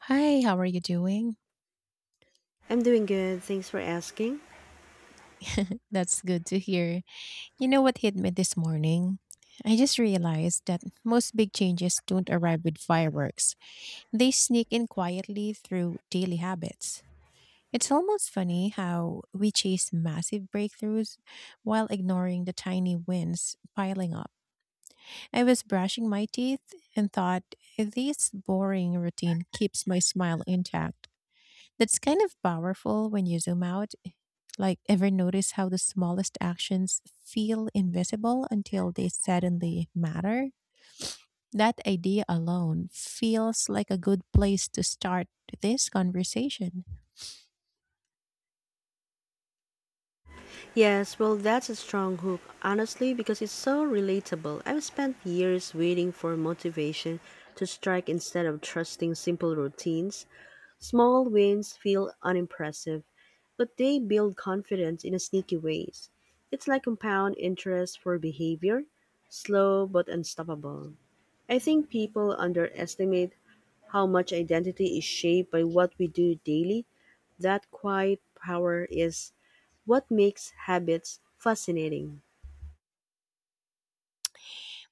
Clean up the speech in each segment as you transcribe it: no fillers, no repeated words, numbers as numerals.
Hi, how are you doing? I'm doing good, thanks for asking. That's good to hear. You know what hit me this morning? I just realized that most big changes don't arrive with fireworks. They sneak in quietly through daily habits. It's almost funny how we chase massive breakthroughs while ignoring the tiny wins piling up. I was brushing my teeth and thought, this boring routine keeps my smile intact. That's kind of powerful when you zoom out. Like, ever notice how the smallest actions feel invisible until they suddenly matter? That idea alone feels like a good place to start this conversation. Yes, well, that's a strong hook, honestly, because it's so relatable. I've spent years waiting for motivation to strike instead of trusting simple routines. Small wins feel unimpressive, but they build confidence in a sneaky ways. It's like compound interest for behavior, slow but unstoppable. I think people underestimate how much identity is shaped by what we do daily. That quiet power is what makes habits fascinating.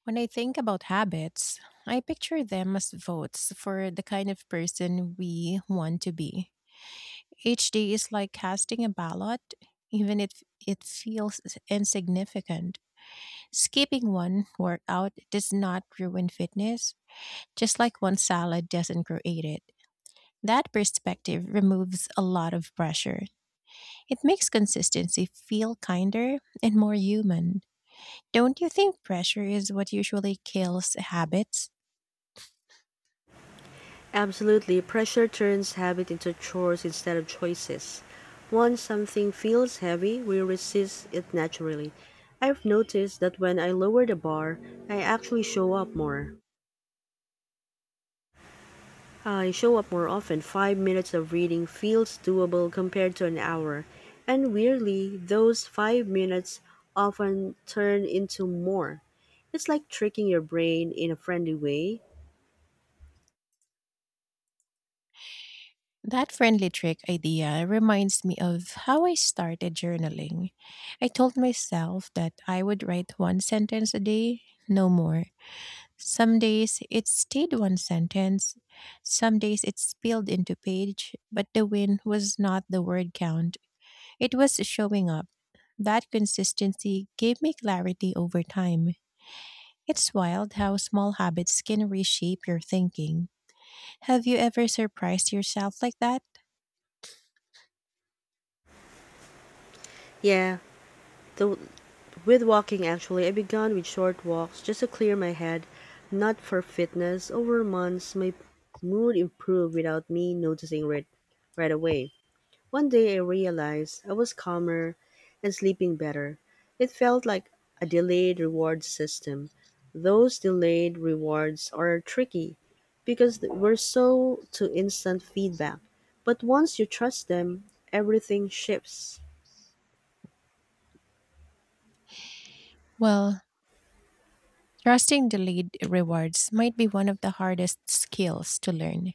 When I think about habits, I picture them as votes for the kind of person we want to be. Each day is like casting a ballot, even if it feels insignificant. Skipping one workout does not ruin fitness just like one salad doesn't create it. That perspective removes a lot of pressure. It makes consistency feel kinder and more human. Don't you think pressure is what usually kills habits? Absolutely, pressure turns habit into chores instead of choices. Once something feels heavy, we resist it naturally. I've noticed that when I lower the bar, I actually show up more. I show up more often. 5 minutes of reading feels doable compared to an hour. And weirdly, those 5 minutes often turn into more. It's like tricking your brain in a friendly way. That friendly trick idea reminds me of how I started journaling. I told myself that I would write one sentence a day, no more. Some days it stayed one sentence, some days it spilled into page, but the win was not the word count. It was showing up. That consistency gave me clarity over time. It's wild how small habits can reshape your thinking. Have you ever surprised yourself like that? Yeah, th- with walking, actually, I began with short walks just to clear my head, not for fitness. Over months, my mood improved without me noticing it right away. One day, I realized I was calmer and sleeping better. It felt like a delayed reward system. Those delayed rewards are tricky because we're so to instant feedback. But once you trust them, everything shifts. Well, trusting delayed rewards might be one of the hardest skills to learn.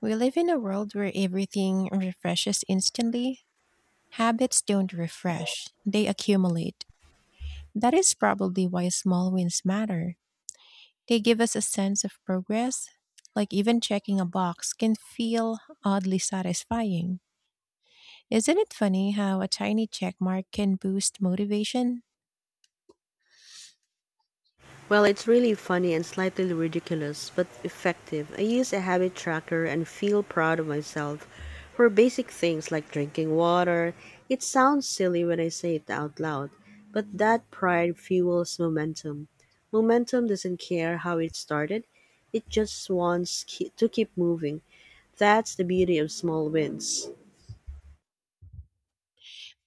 We live in a world where everything refreshes instantly. Habits don't refresh, they accumulate. That is probably why small wins matter. They give us a sense of progress, like even checking a box can feel oddly satisfying. Isn't it funny how a tiny check mark can boost motivation? Well, it's really funny and slightly ridiculous, but effective. I use a habit tracker and feel proud of myself for basic things like drinking water. It sounds silly when I say it out loud, but that pride fuels momentum. Momentum doesn't care how it started, it just wants to keep moving. That's the beauty of small wins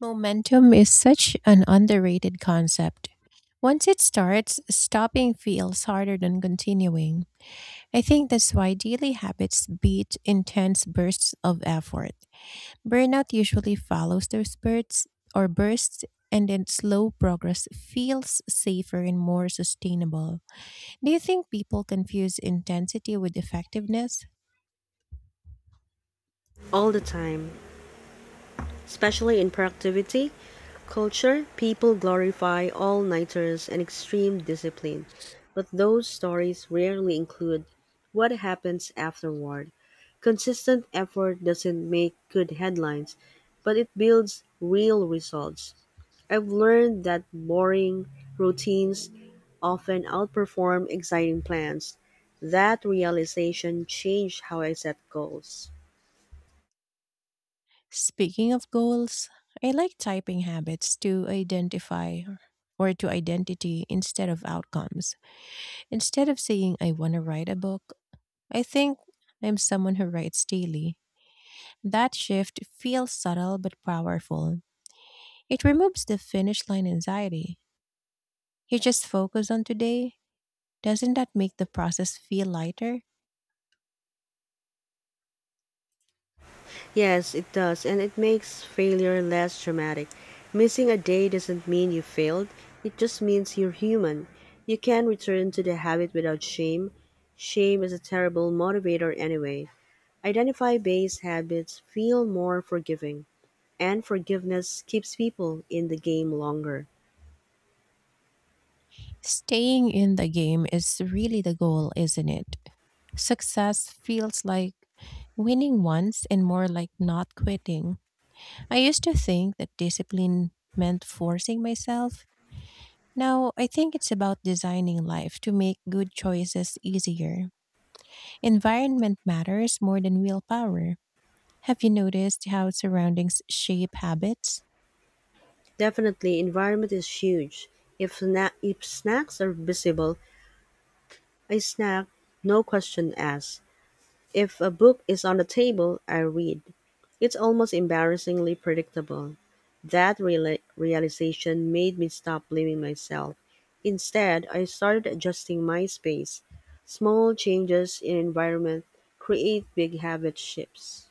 Momentum is such an underrated concept. Once it starts, stopping feels harder than continuing. I think that's why daily habits beat intense bursts of effort. Burnout usually follows those spurts or bursts, and then slow progress feels safer and more sustainable. Do you think people confuse intensity with effectiveness? all the time, especially in productivity. Culture, people glorify all nighters and extreme discipline, but those stories rarely include what happens afterward. Consistent effort doesn't make good headlines, but it builds real results. I've learned that boring routines often outperform exciting plans. That realization changed how I set goals. Speaking of goals, I like typing habits to identify or to identity instead of outcomes. Instead of saying, I want to write a book, I think I'm someone who writes daily. That shift feels subtle but powerful. It removes the finish line anxiety. You just focus on today. Doesn't that make the process feel lighter? Yes, it does, and it makes failure less dramatic. Missing a day doesn't mean you failed, it just means you're human. You can return to the habit without shame. Shame is a terrible motivator anyway. Identify based habits feel more forgiving, and forgiveness keeps people in the game longer. Staying in the game is really the goal, isn't it? Success feels like winning once and more like not quitting. I used to think that discipline meant forcing myself. Now, I think it's about designing life to make good choices easier. Environment matters more than willpower. Have you noticed how surroundings shape habits? Definitely, environment is huge. If snacks are visible, I snack, no question asked. If a book is on the table, I read. It's almost embarrassingly predictable. That realization made me stop blaming myself. Instead, I started adjusting my space. Small changes in environment create big habit shifts.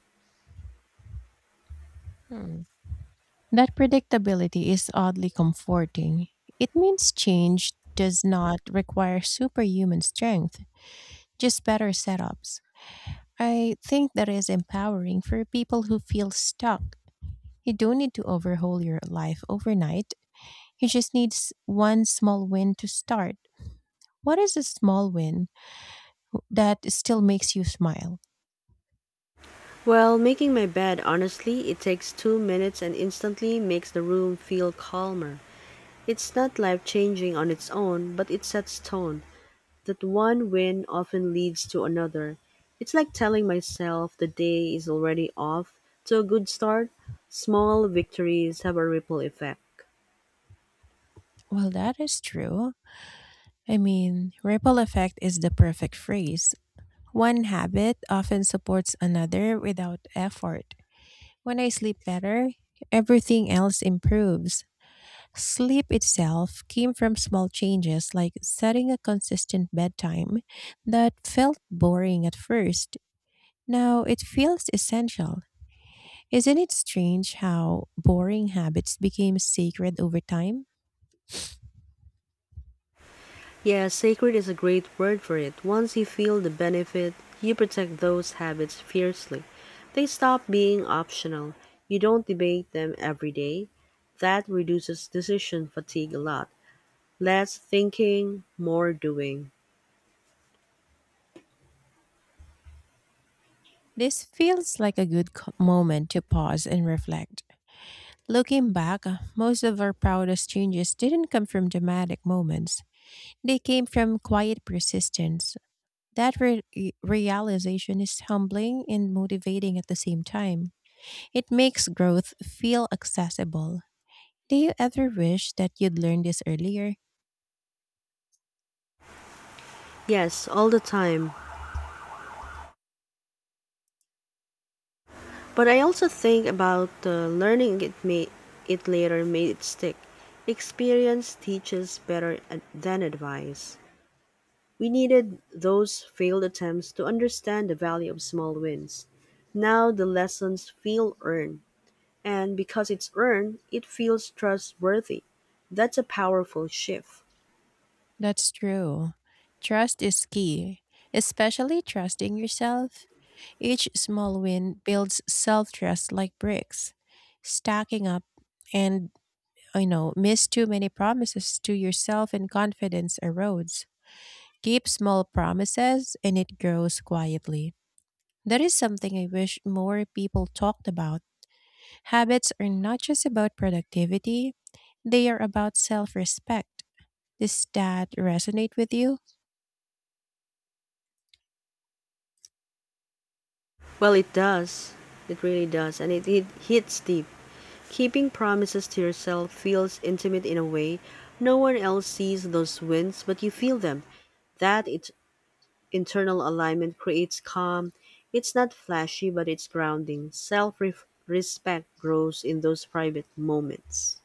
That predictability is oddly comforting. It means change does not require superhuman strength, just better setups. I think that is empowering for people who feel stuck. You don't need to overhaul your life overnight. You just need one small win to start. What is a small win that still makes you smile? Well, making my bed, honestly, it takes 2 minutes and instantly makes the room feel calmer. It's not life changing on its own, but it sets tone. That one win often leads to another. It's like telling myself the day is already off to a good start. Small victories have a ripple effect. Well, that is true. I mean, ripple effect is the perfect phrase. One habit often supports another without effort. When I sleep better, everything else improves. Sleep itself came from small changes like setting a consistent bedtime that felt boring at first. Now it feels essential. Isn't it strange how boring habits became sacred over time? Yeah, sacred is a great word for it. Once you feel the benefit, you protect those habits fiercely. They stop being optional. You don't debate them every day. That reduces decision fatigue a lot. Less thinking, more doing. This feels like a good moment to pause and reflect. Looking back, most of our proudest changes didn't come from dramatic moments. They came from quiet persistence. That realization is humbling and motivating at the same time. It makes growth feel accessible. Do you ever wish that you'd learned this earlier? Yes, all the time. But I also think about the learning it made it later made it stick. Experience teaches better than advice. We needed those failed attempts to understand the value of small wins. Now the lessons feel earned, and because it's earned, it feels trustworthy. That's a powerful shift. That's true. Trust is key, especially trusting yourself. Each small win builds self trust like bricks, stacking up and miss too many promises to yourself and confidence erodes. Keep small promises and it grows quietly. That is something I wish more people talked about. Habits are not just about productivity, they are about self respect. Does that resonate with you? Well, it does. It really does. And it hits deep. Keeping promises to yourself feels intimate in a way no one else sees those wins, but you feel them. That internal alignment creates calm. It's not flashy, but it's grounding. Self respect grows in those private moments.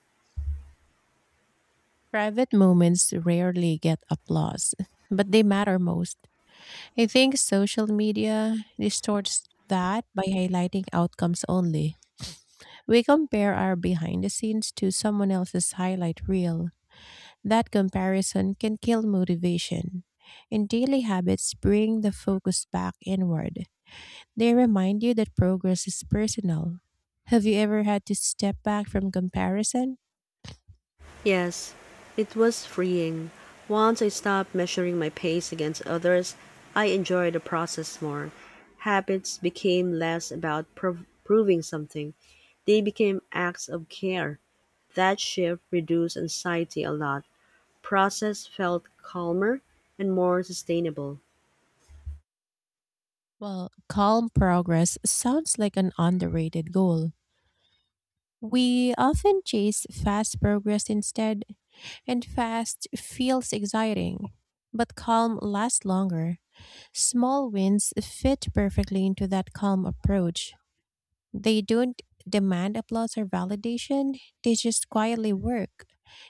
Private moments rarely get applause, but they matter most. I think social media distorts that by highlighting outcomes only. We compare our behind the scenes to someone else's highlight reel. That comparison can kill motivation. And daily habits bring the focus back inward. They remind you that progress is personal. Have you ever had to step back from comparison? Yes, it was freeing. Once I stopped measuring my pace against others, I enjoyed the process more. Habits became less about proving something, they became acts of care. That shift reduced anxiety a lot. Process felt calmer and more sustainable. Well, calm progress sounds like an underrated goal. We often chase fast progress instead, and fast feels exciting, but calm lasts longer. Small wins fit perfectly into that calm approach. They don't demand applause or validation, they just quietly work.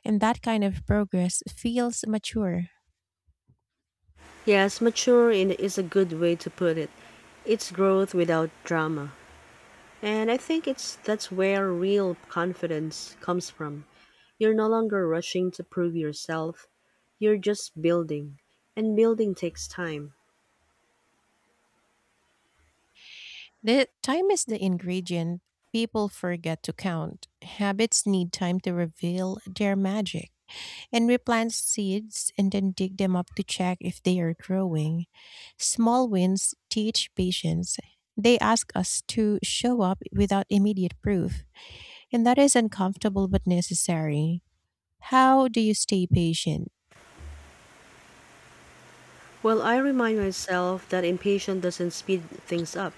And that kind of progress feels mature. Yes, mature is a good way to put it. It's growth without drama. And I think it's that's where real confidence comes from. You're no longer rushing to prove yourself. You're just building. And building takes time. The time is the ingredient people forget to count. Habits need time to reveal their magic. And we plant seeds and then dig them up to check if they are growing. Small wins teach patience. They ask us to show up without immediate proof. And that is uncomfortable but necessary. How do you stay patient? Well, I remind myself that impatience doesn't speed things up.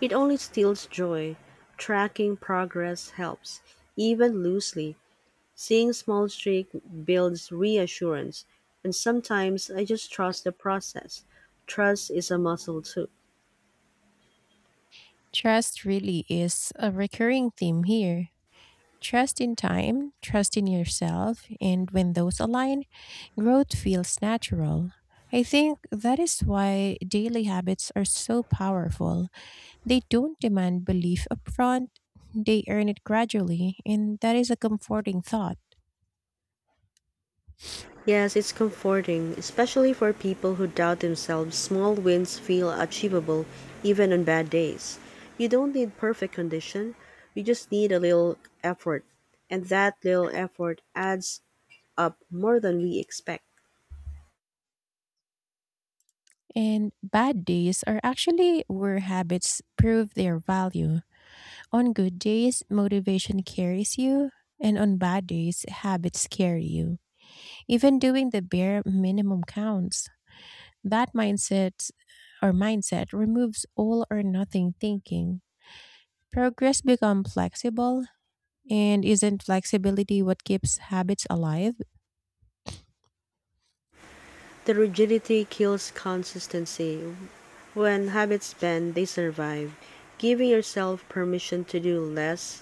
It only steals joy. Tracking progress helps, even loosely. Seeing small streak builds reassurance. And sometimes I just trust the process. Trust is a muscle too. Trust really is a recurring theme here. Trust in time, trust in yourself, and when those align, growth feels natural. I think that is why daily habits are so powerful. They don't demand belief upfront, they earn it gradually, and that is a comforting thought. Yes, it's comforting, especially for people who doubt themselves. Small wins feel achievable even on bad days. You don't need perfect condition, you just need a little effort. And that little effort adds up more than we expect. And bad days are actually where habits prove their value. On good days, motivation carries you, and on bad days, habits carry you. Even doing the bare minimum counts. That mindset or mindset removes all or nothing thinking. Progress becomes flexible, and isn't flexibility what keeps habits alive? The rigidity kills consistency. When habits bend, they survive. Giving yourself permission to do less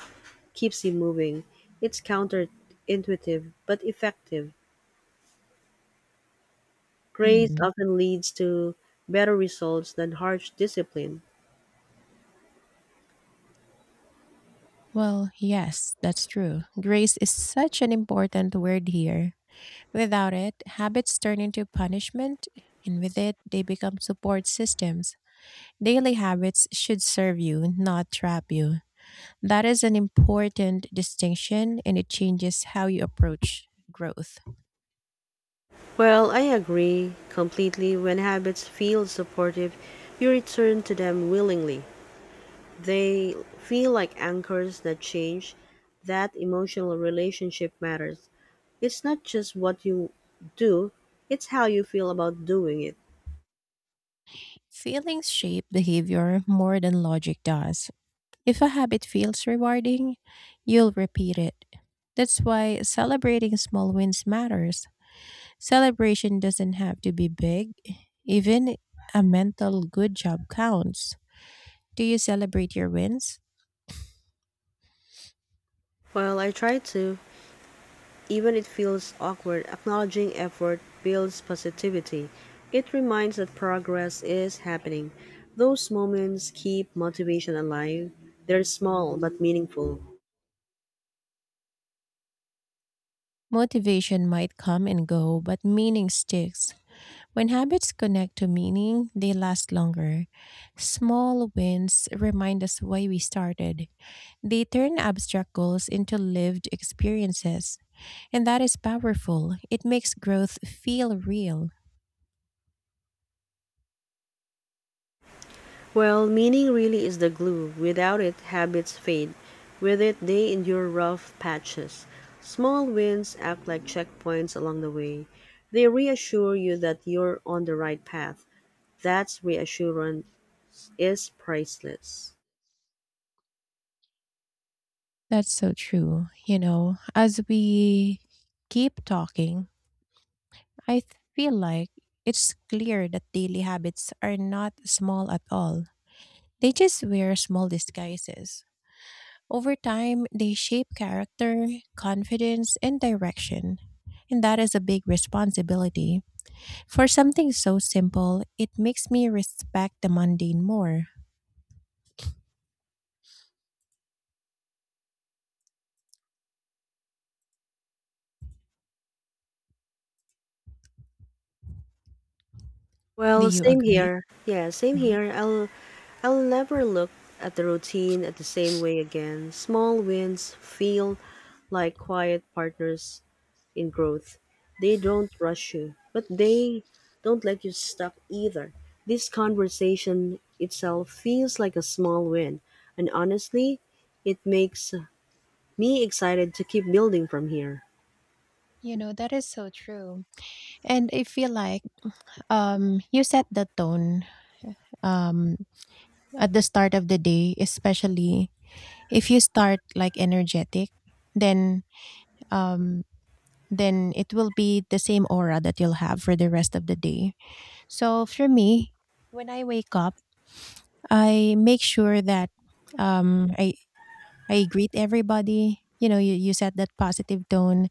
keeps you moving. It's counterintuitive but effective. Hmm. Praise often leads to better results than harsh discipline. Well, yes, that's true. Grace is such an important word here. Without it, habits turn into punishment, and with it, they become support systems. Daily habits should serve you, not trap you. That is an important distinction and it changes how you approach growth. Well, I agree completely. When habits feel supportive, you return to them willingly. They feel like anchors that change. That emotional relationship matters. It's not just what you do, it's how you feel about doing it. Feelings shape behavior more than logic does. If a habit feels rewarding, you'll repeat it. That's why celebrating small wins matters. Celebration doesn't have to be big, even a mental good job counts. Do you celebrate your wins? Well, I try to. Even it feels awkward, acknowledging effort builds positivity. It reminds that progress is happening. Those moments keep motivation alive. They're small but meaningful. Motivation might come and go, but meaning sticks. When habits connect to meaning, they last longer. Small wins remind us why we started. They turn abstract goals into lived experiences. And that is powerful. It makes growth feel real. Well, meaning really is the glue. Without it, habits fade. With it, they endure rough patches. Small wins act like checkpoints along the way. They reassure you that you're on the right path. That's reassurance is priceless. That's so true. You know, as we keep talking, I feel like it's clear that daily habits are not small at all. They just wear small disguises. Over time, they shape character, confidence, and direction. And that is a big responsibility. For something so simple, it makes me respect the mundane more. Do Well, you same agree? here. Yeah, same Mhm. here. I'll never look at the routine at the same way again. Small wins feel like quiet partners in growth. They don't rush you, but they don't let you stuck either. This conversation itself feels like a small win, and honestly, it makes me excited to keep building from here. You know, that is so true. And I feel like you set the tone um, at the start of the day, especially if you start like energetic, then um, then it will be the same aura that you'll have for the rest of the day. So for me, when I wake up, I make sure that um, I I greet everybody. You know, you set that positive tone,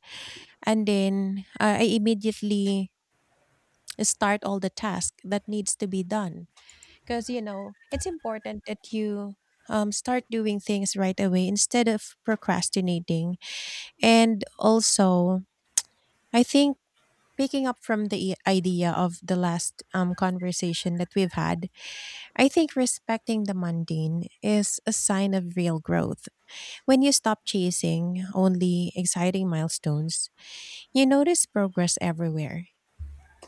and then I immediately start all the task that needs to be done because you know it's important that you start doing things right away instead of procrastinating. And also, I think picking up from the idea of the last conversation that we've had, I think respecting the mundane is a sign of real growth. When you stop chasing only exciting milestones, you notice progress everywhere.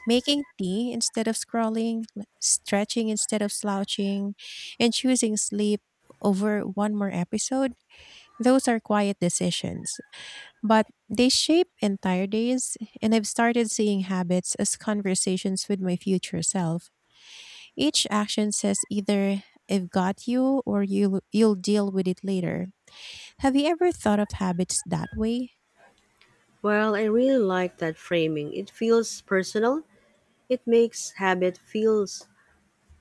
Making tea instead of scrolling, stretching instead of slouching, and choosing sleep over one more episode, those are quiet decisions but they shape entire days, and I've started seeing habits as conversations with my future self. Each action says either I've got you or you'll deal with it later. Have you ever thought of habits that way? Well, I really like that framing. It feels personal. It makes habit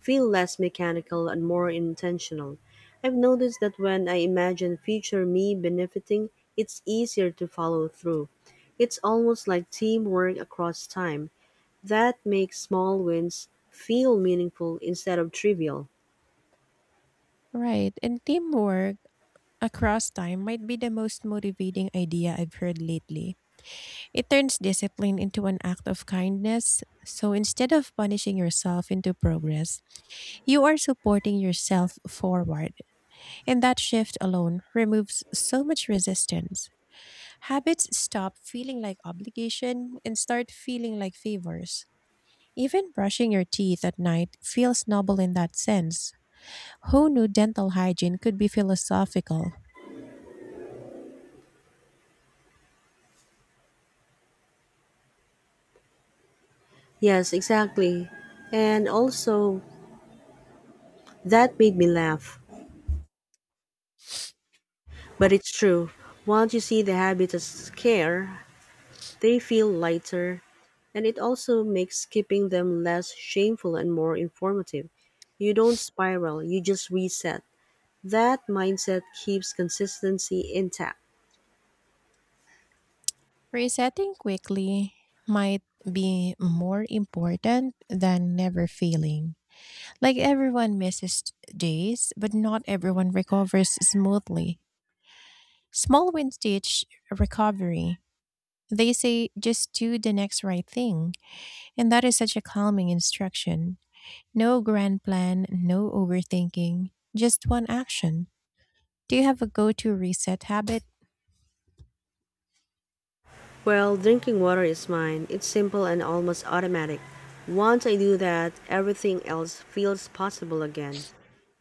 feel less mechanical and more intentional. I've noticed that when I imagine future me benefiting, it's easier to follow through. It's almost like teamwork across time. That makes small wins feel meaningful instead of trivial. Right, and teamwork across time might be the most motivating idea I've heard lately. It turns discipline into an act of kindness. So instead of punishing yourself into progress, you are supporting yourself forward. And that shift alone removes so much resistance. Habits stop feeling like obligation and start feeling like favors. Even brushing your teeth at night feels noble in that sense. Who knew dental hygiene could be philosophical? Yes, exactly. And also, that made me laugh. But it's true. Once you see the habits as care, they feel lighter. And it also makes keeping them less shameful and more informative. You don't spiral, you just reset. That mindset keeps consistency intact. Resetting quickly might be more important than never failing. Like everyone misses days, but not everyone recovers smoothly. Small wins teach recovery. They say just do the next right thing, and that is such a calming instruction. No grand plan, no overthinking, just one action. Do you have a go to reset habit? Well, drinking water is mine. It's simple and almost automatic. Once I do that, everything else feels possible again.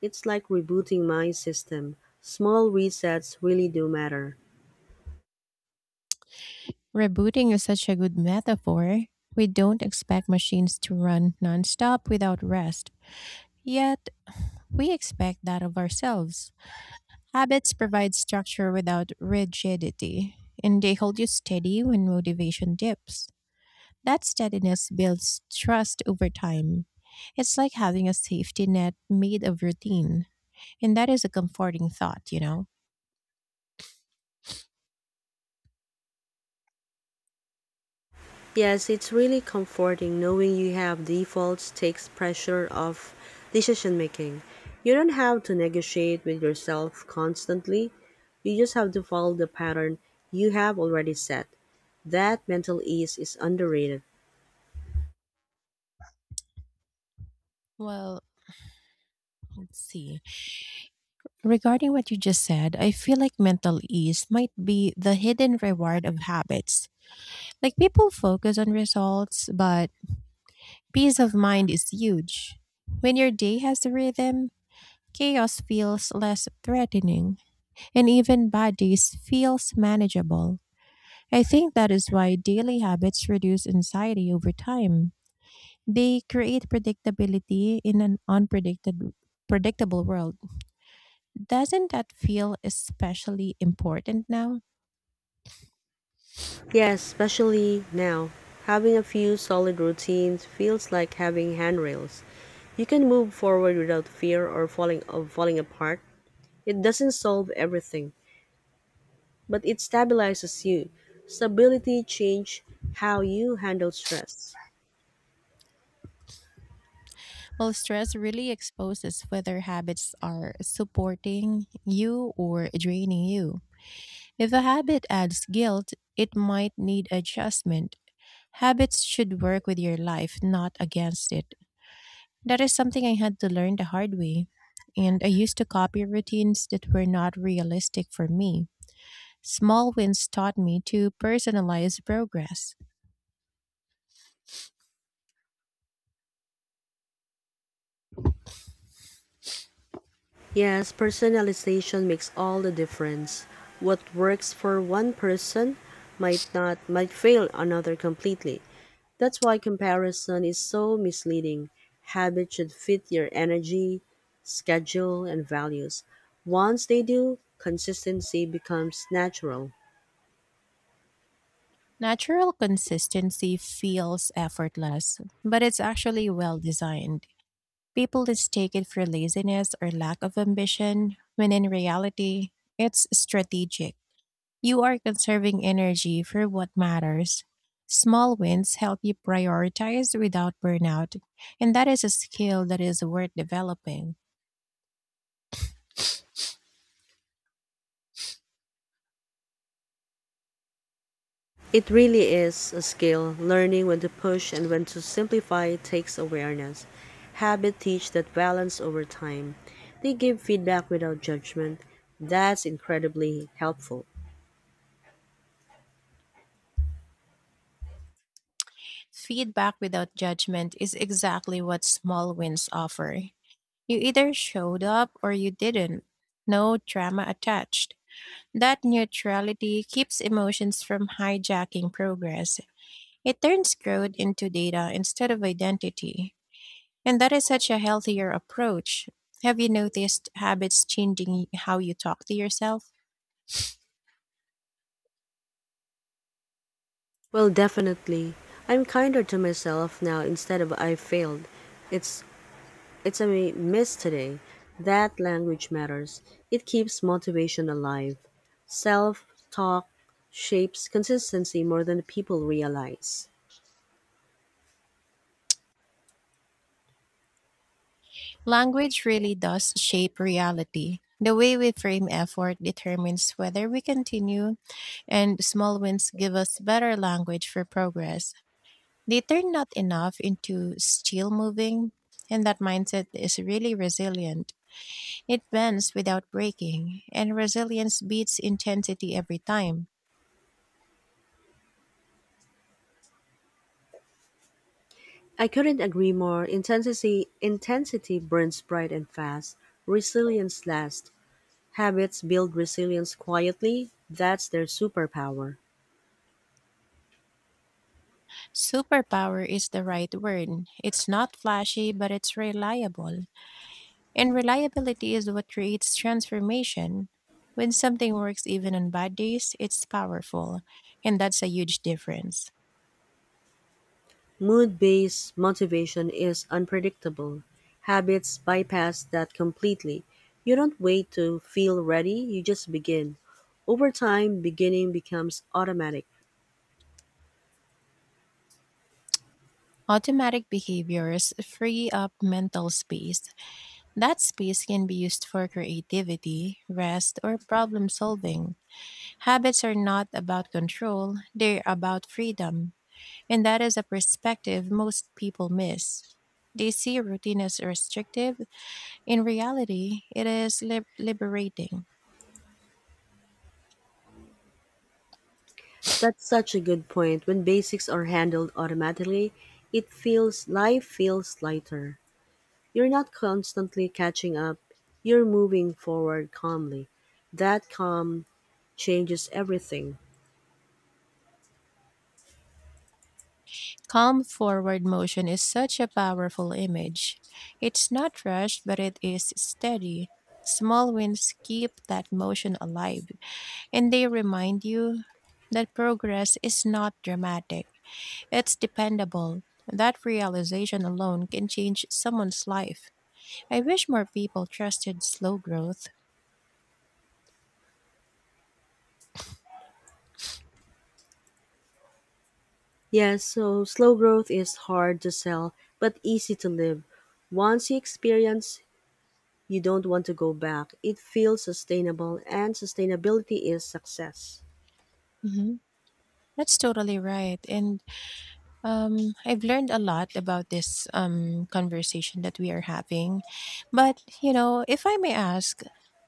It's like rebooting my system. Small resets really do matter. Rebooting is such a good metaphor. We don't expect machines to run nonstop without rest, yet, we expect that of ourselves. Habits provide structure without rigidity, and they hold you steady when motivation dips. That steadiness builds trust over time. It's like having a safety net made of routine. And that is a comforting thought, you know? Yes, it's really comforting knowing you have defaults takes pressure off decision making. You don't have to negotiate with yourself constantly. You just have to follow the pattern you have already set. That mental ease is underrated. Well, let's see. Regarding what you just said, I feel like mental ease might be the hidden reward of habits. Like people focus on results, but peace of mind is huge. When your day has a rhythm, chaos feels less threatening, and even bad days feels manageable. I think that is why daily habits reduce anxiety over time. They create predictability in an unpredicted predictable world. Doesn't that feel especially important now? Yes, especially now. Having a few solid routines feels like having handrails. You can move forward without fear or falling of falling apart. It doesn't solve everything, but it stabilizes you. Stability change how you handle stress. Well, stress really exposes whether habits are supporting you or draining you. If a habit adds guilt, it might need adjustment. Habits should work with your life, not against it. That is something I had to learn the hard way. And I used to copy routines that were not realistic for me. Small wins taught me to personalize progress. Yes, personalization makes all the difference. What works for one person might not might fail another completely. That's why comparison is so misleading. Habits should fit your energy, schedule, and values. Once they do, consistency becomes natural. Natural consistency feels effortless, but it's actually well designed. People mistake it for laziness or lack of ambition, when in reality, it's strategic. You are conserving energy for what matters. Small wins help you prioritize without burnout, and that is a skill that is worth developing. It really is a skill. Learning when to push and when to simplify takes awareness. Habit teach that balance over time. They give feedback without judgment. That's incredibly helpful. Feedback without judgment is exactly what small wins offer. You either showed up or you didn't. No drama attached. That neutrality keeps emotions from hijacking progress. It turns growth into data instead of identity. And that is such a healthier approach. Have you noticed habits changing how you talk to yourself? Well, definitely. I'm kinder to myself now instead of I failed. It's it's a miss today. That language matters. It keeps motivation alive. Self-talk shapes consistency more than people realize. Language really does shape reality. The way we frame effort determines whether we continue, and small wins give us better language for progress. They turn not enough into still moving, and that mindset is really resilient. It bends without breaking, and resilience beats intensity every time. I couldn't agree more. Intensity burns bright and fast. Resilience lasts. Habits build resilience quietly. That's their superpower. Superpower is the right word. It's not flashy, but it's reliable. And reliability is what creates transformation. When something works even on bad days, it's powerful. And that's a huge difference. Mood-based motivation is unpredictable. Habits bypass that completely. You don't wait to feel ready, you just begin. Over time, beginning becomes automatic. Automatic behaviors free up mental space. That space can be used for creativity, rest, or problem solving. Habits are not about control, they're about freedom. And that is a perspective most people miss. They see routine as restrictive. In reality, it is liberating. That's such a good point. When basics are handled automatically, it feels life feels lighter. You're not constantly catching up, you're moving forward calmly. That calm changes everything. Calm forward motion is such a powerful image. It's not rushed, but it is steady. Small wins keep that motion alive, and they remind you that progress is not dramatic, it's dependable. That realization alone can change someone's life. I wish more people trusted slow growth. Yes, so slow growth is hard to sell, but easy to live. Once you experience, you don't want to go back. It feels sustainable, and sustainability is success. Mhm. That's totally right. And I've learned a lot about this conversation that we are having. But, you know, if I may ask,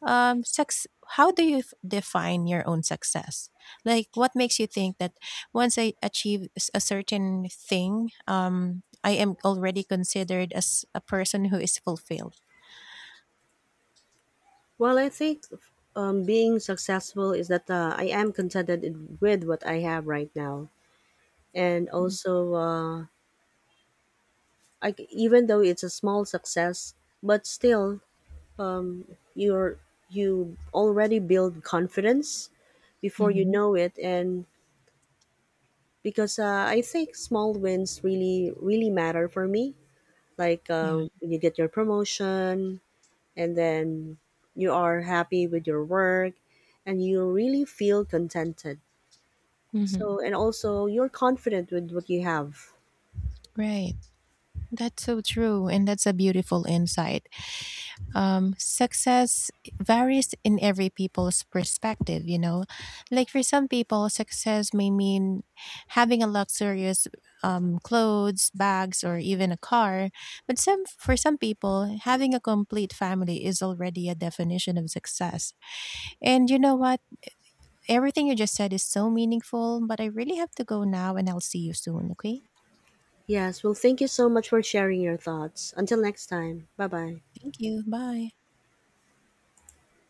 um, sex, how do you define your own success? Like, what makes you think that once I achieve a certain thing, I am already considered as a person who is fulfilled? Well, I think being successful is that I am contented with what I have right now, and also even though it's a small success, but still you're you already build confidence before you Hmm. know it. And because I think small wins really really matter for me, like Yeah. when you get your promotion, and then you are happy with your work and you really feel contented, Hmm. so and also you're confident with what you have. Right. That's so true. And that's a beautiful insight. Success varies in every people's perspective, you know, like for some people success may mean having a luxurious clothes, bags, or even a car, but some for some people having a complete family is already a definition of success. And you know what, everything you just said is so meaningful, but I really have to go now, and I'll see you soon, okay? Yes, well, thank you so much for sharing your thoughts. Until next time, bye bye. Thank you. Bye.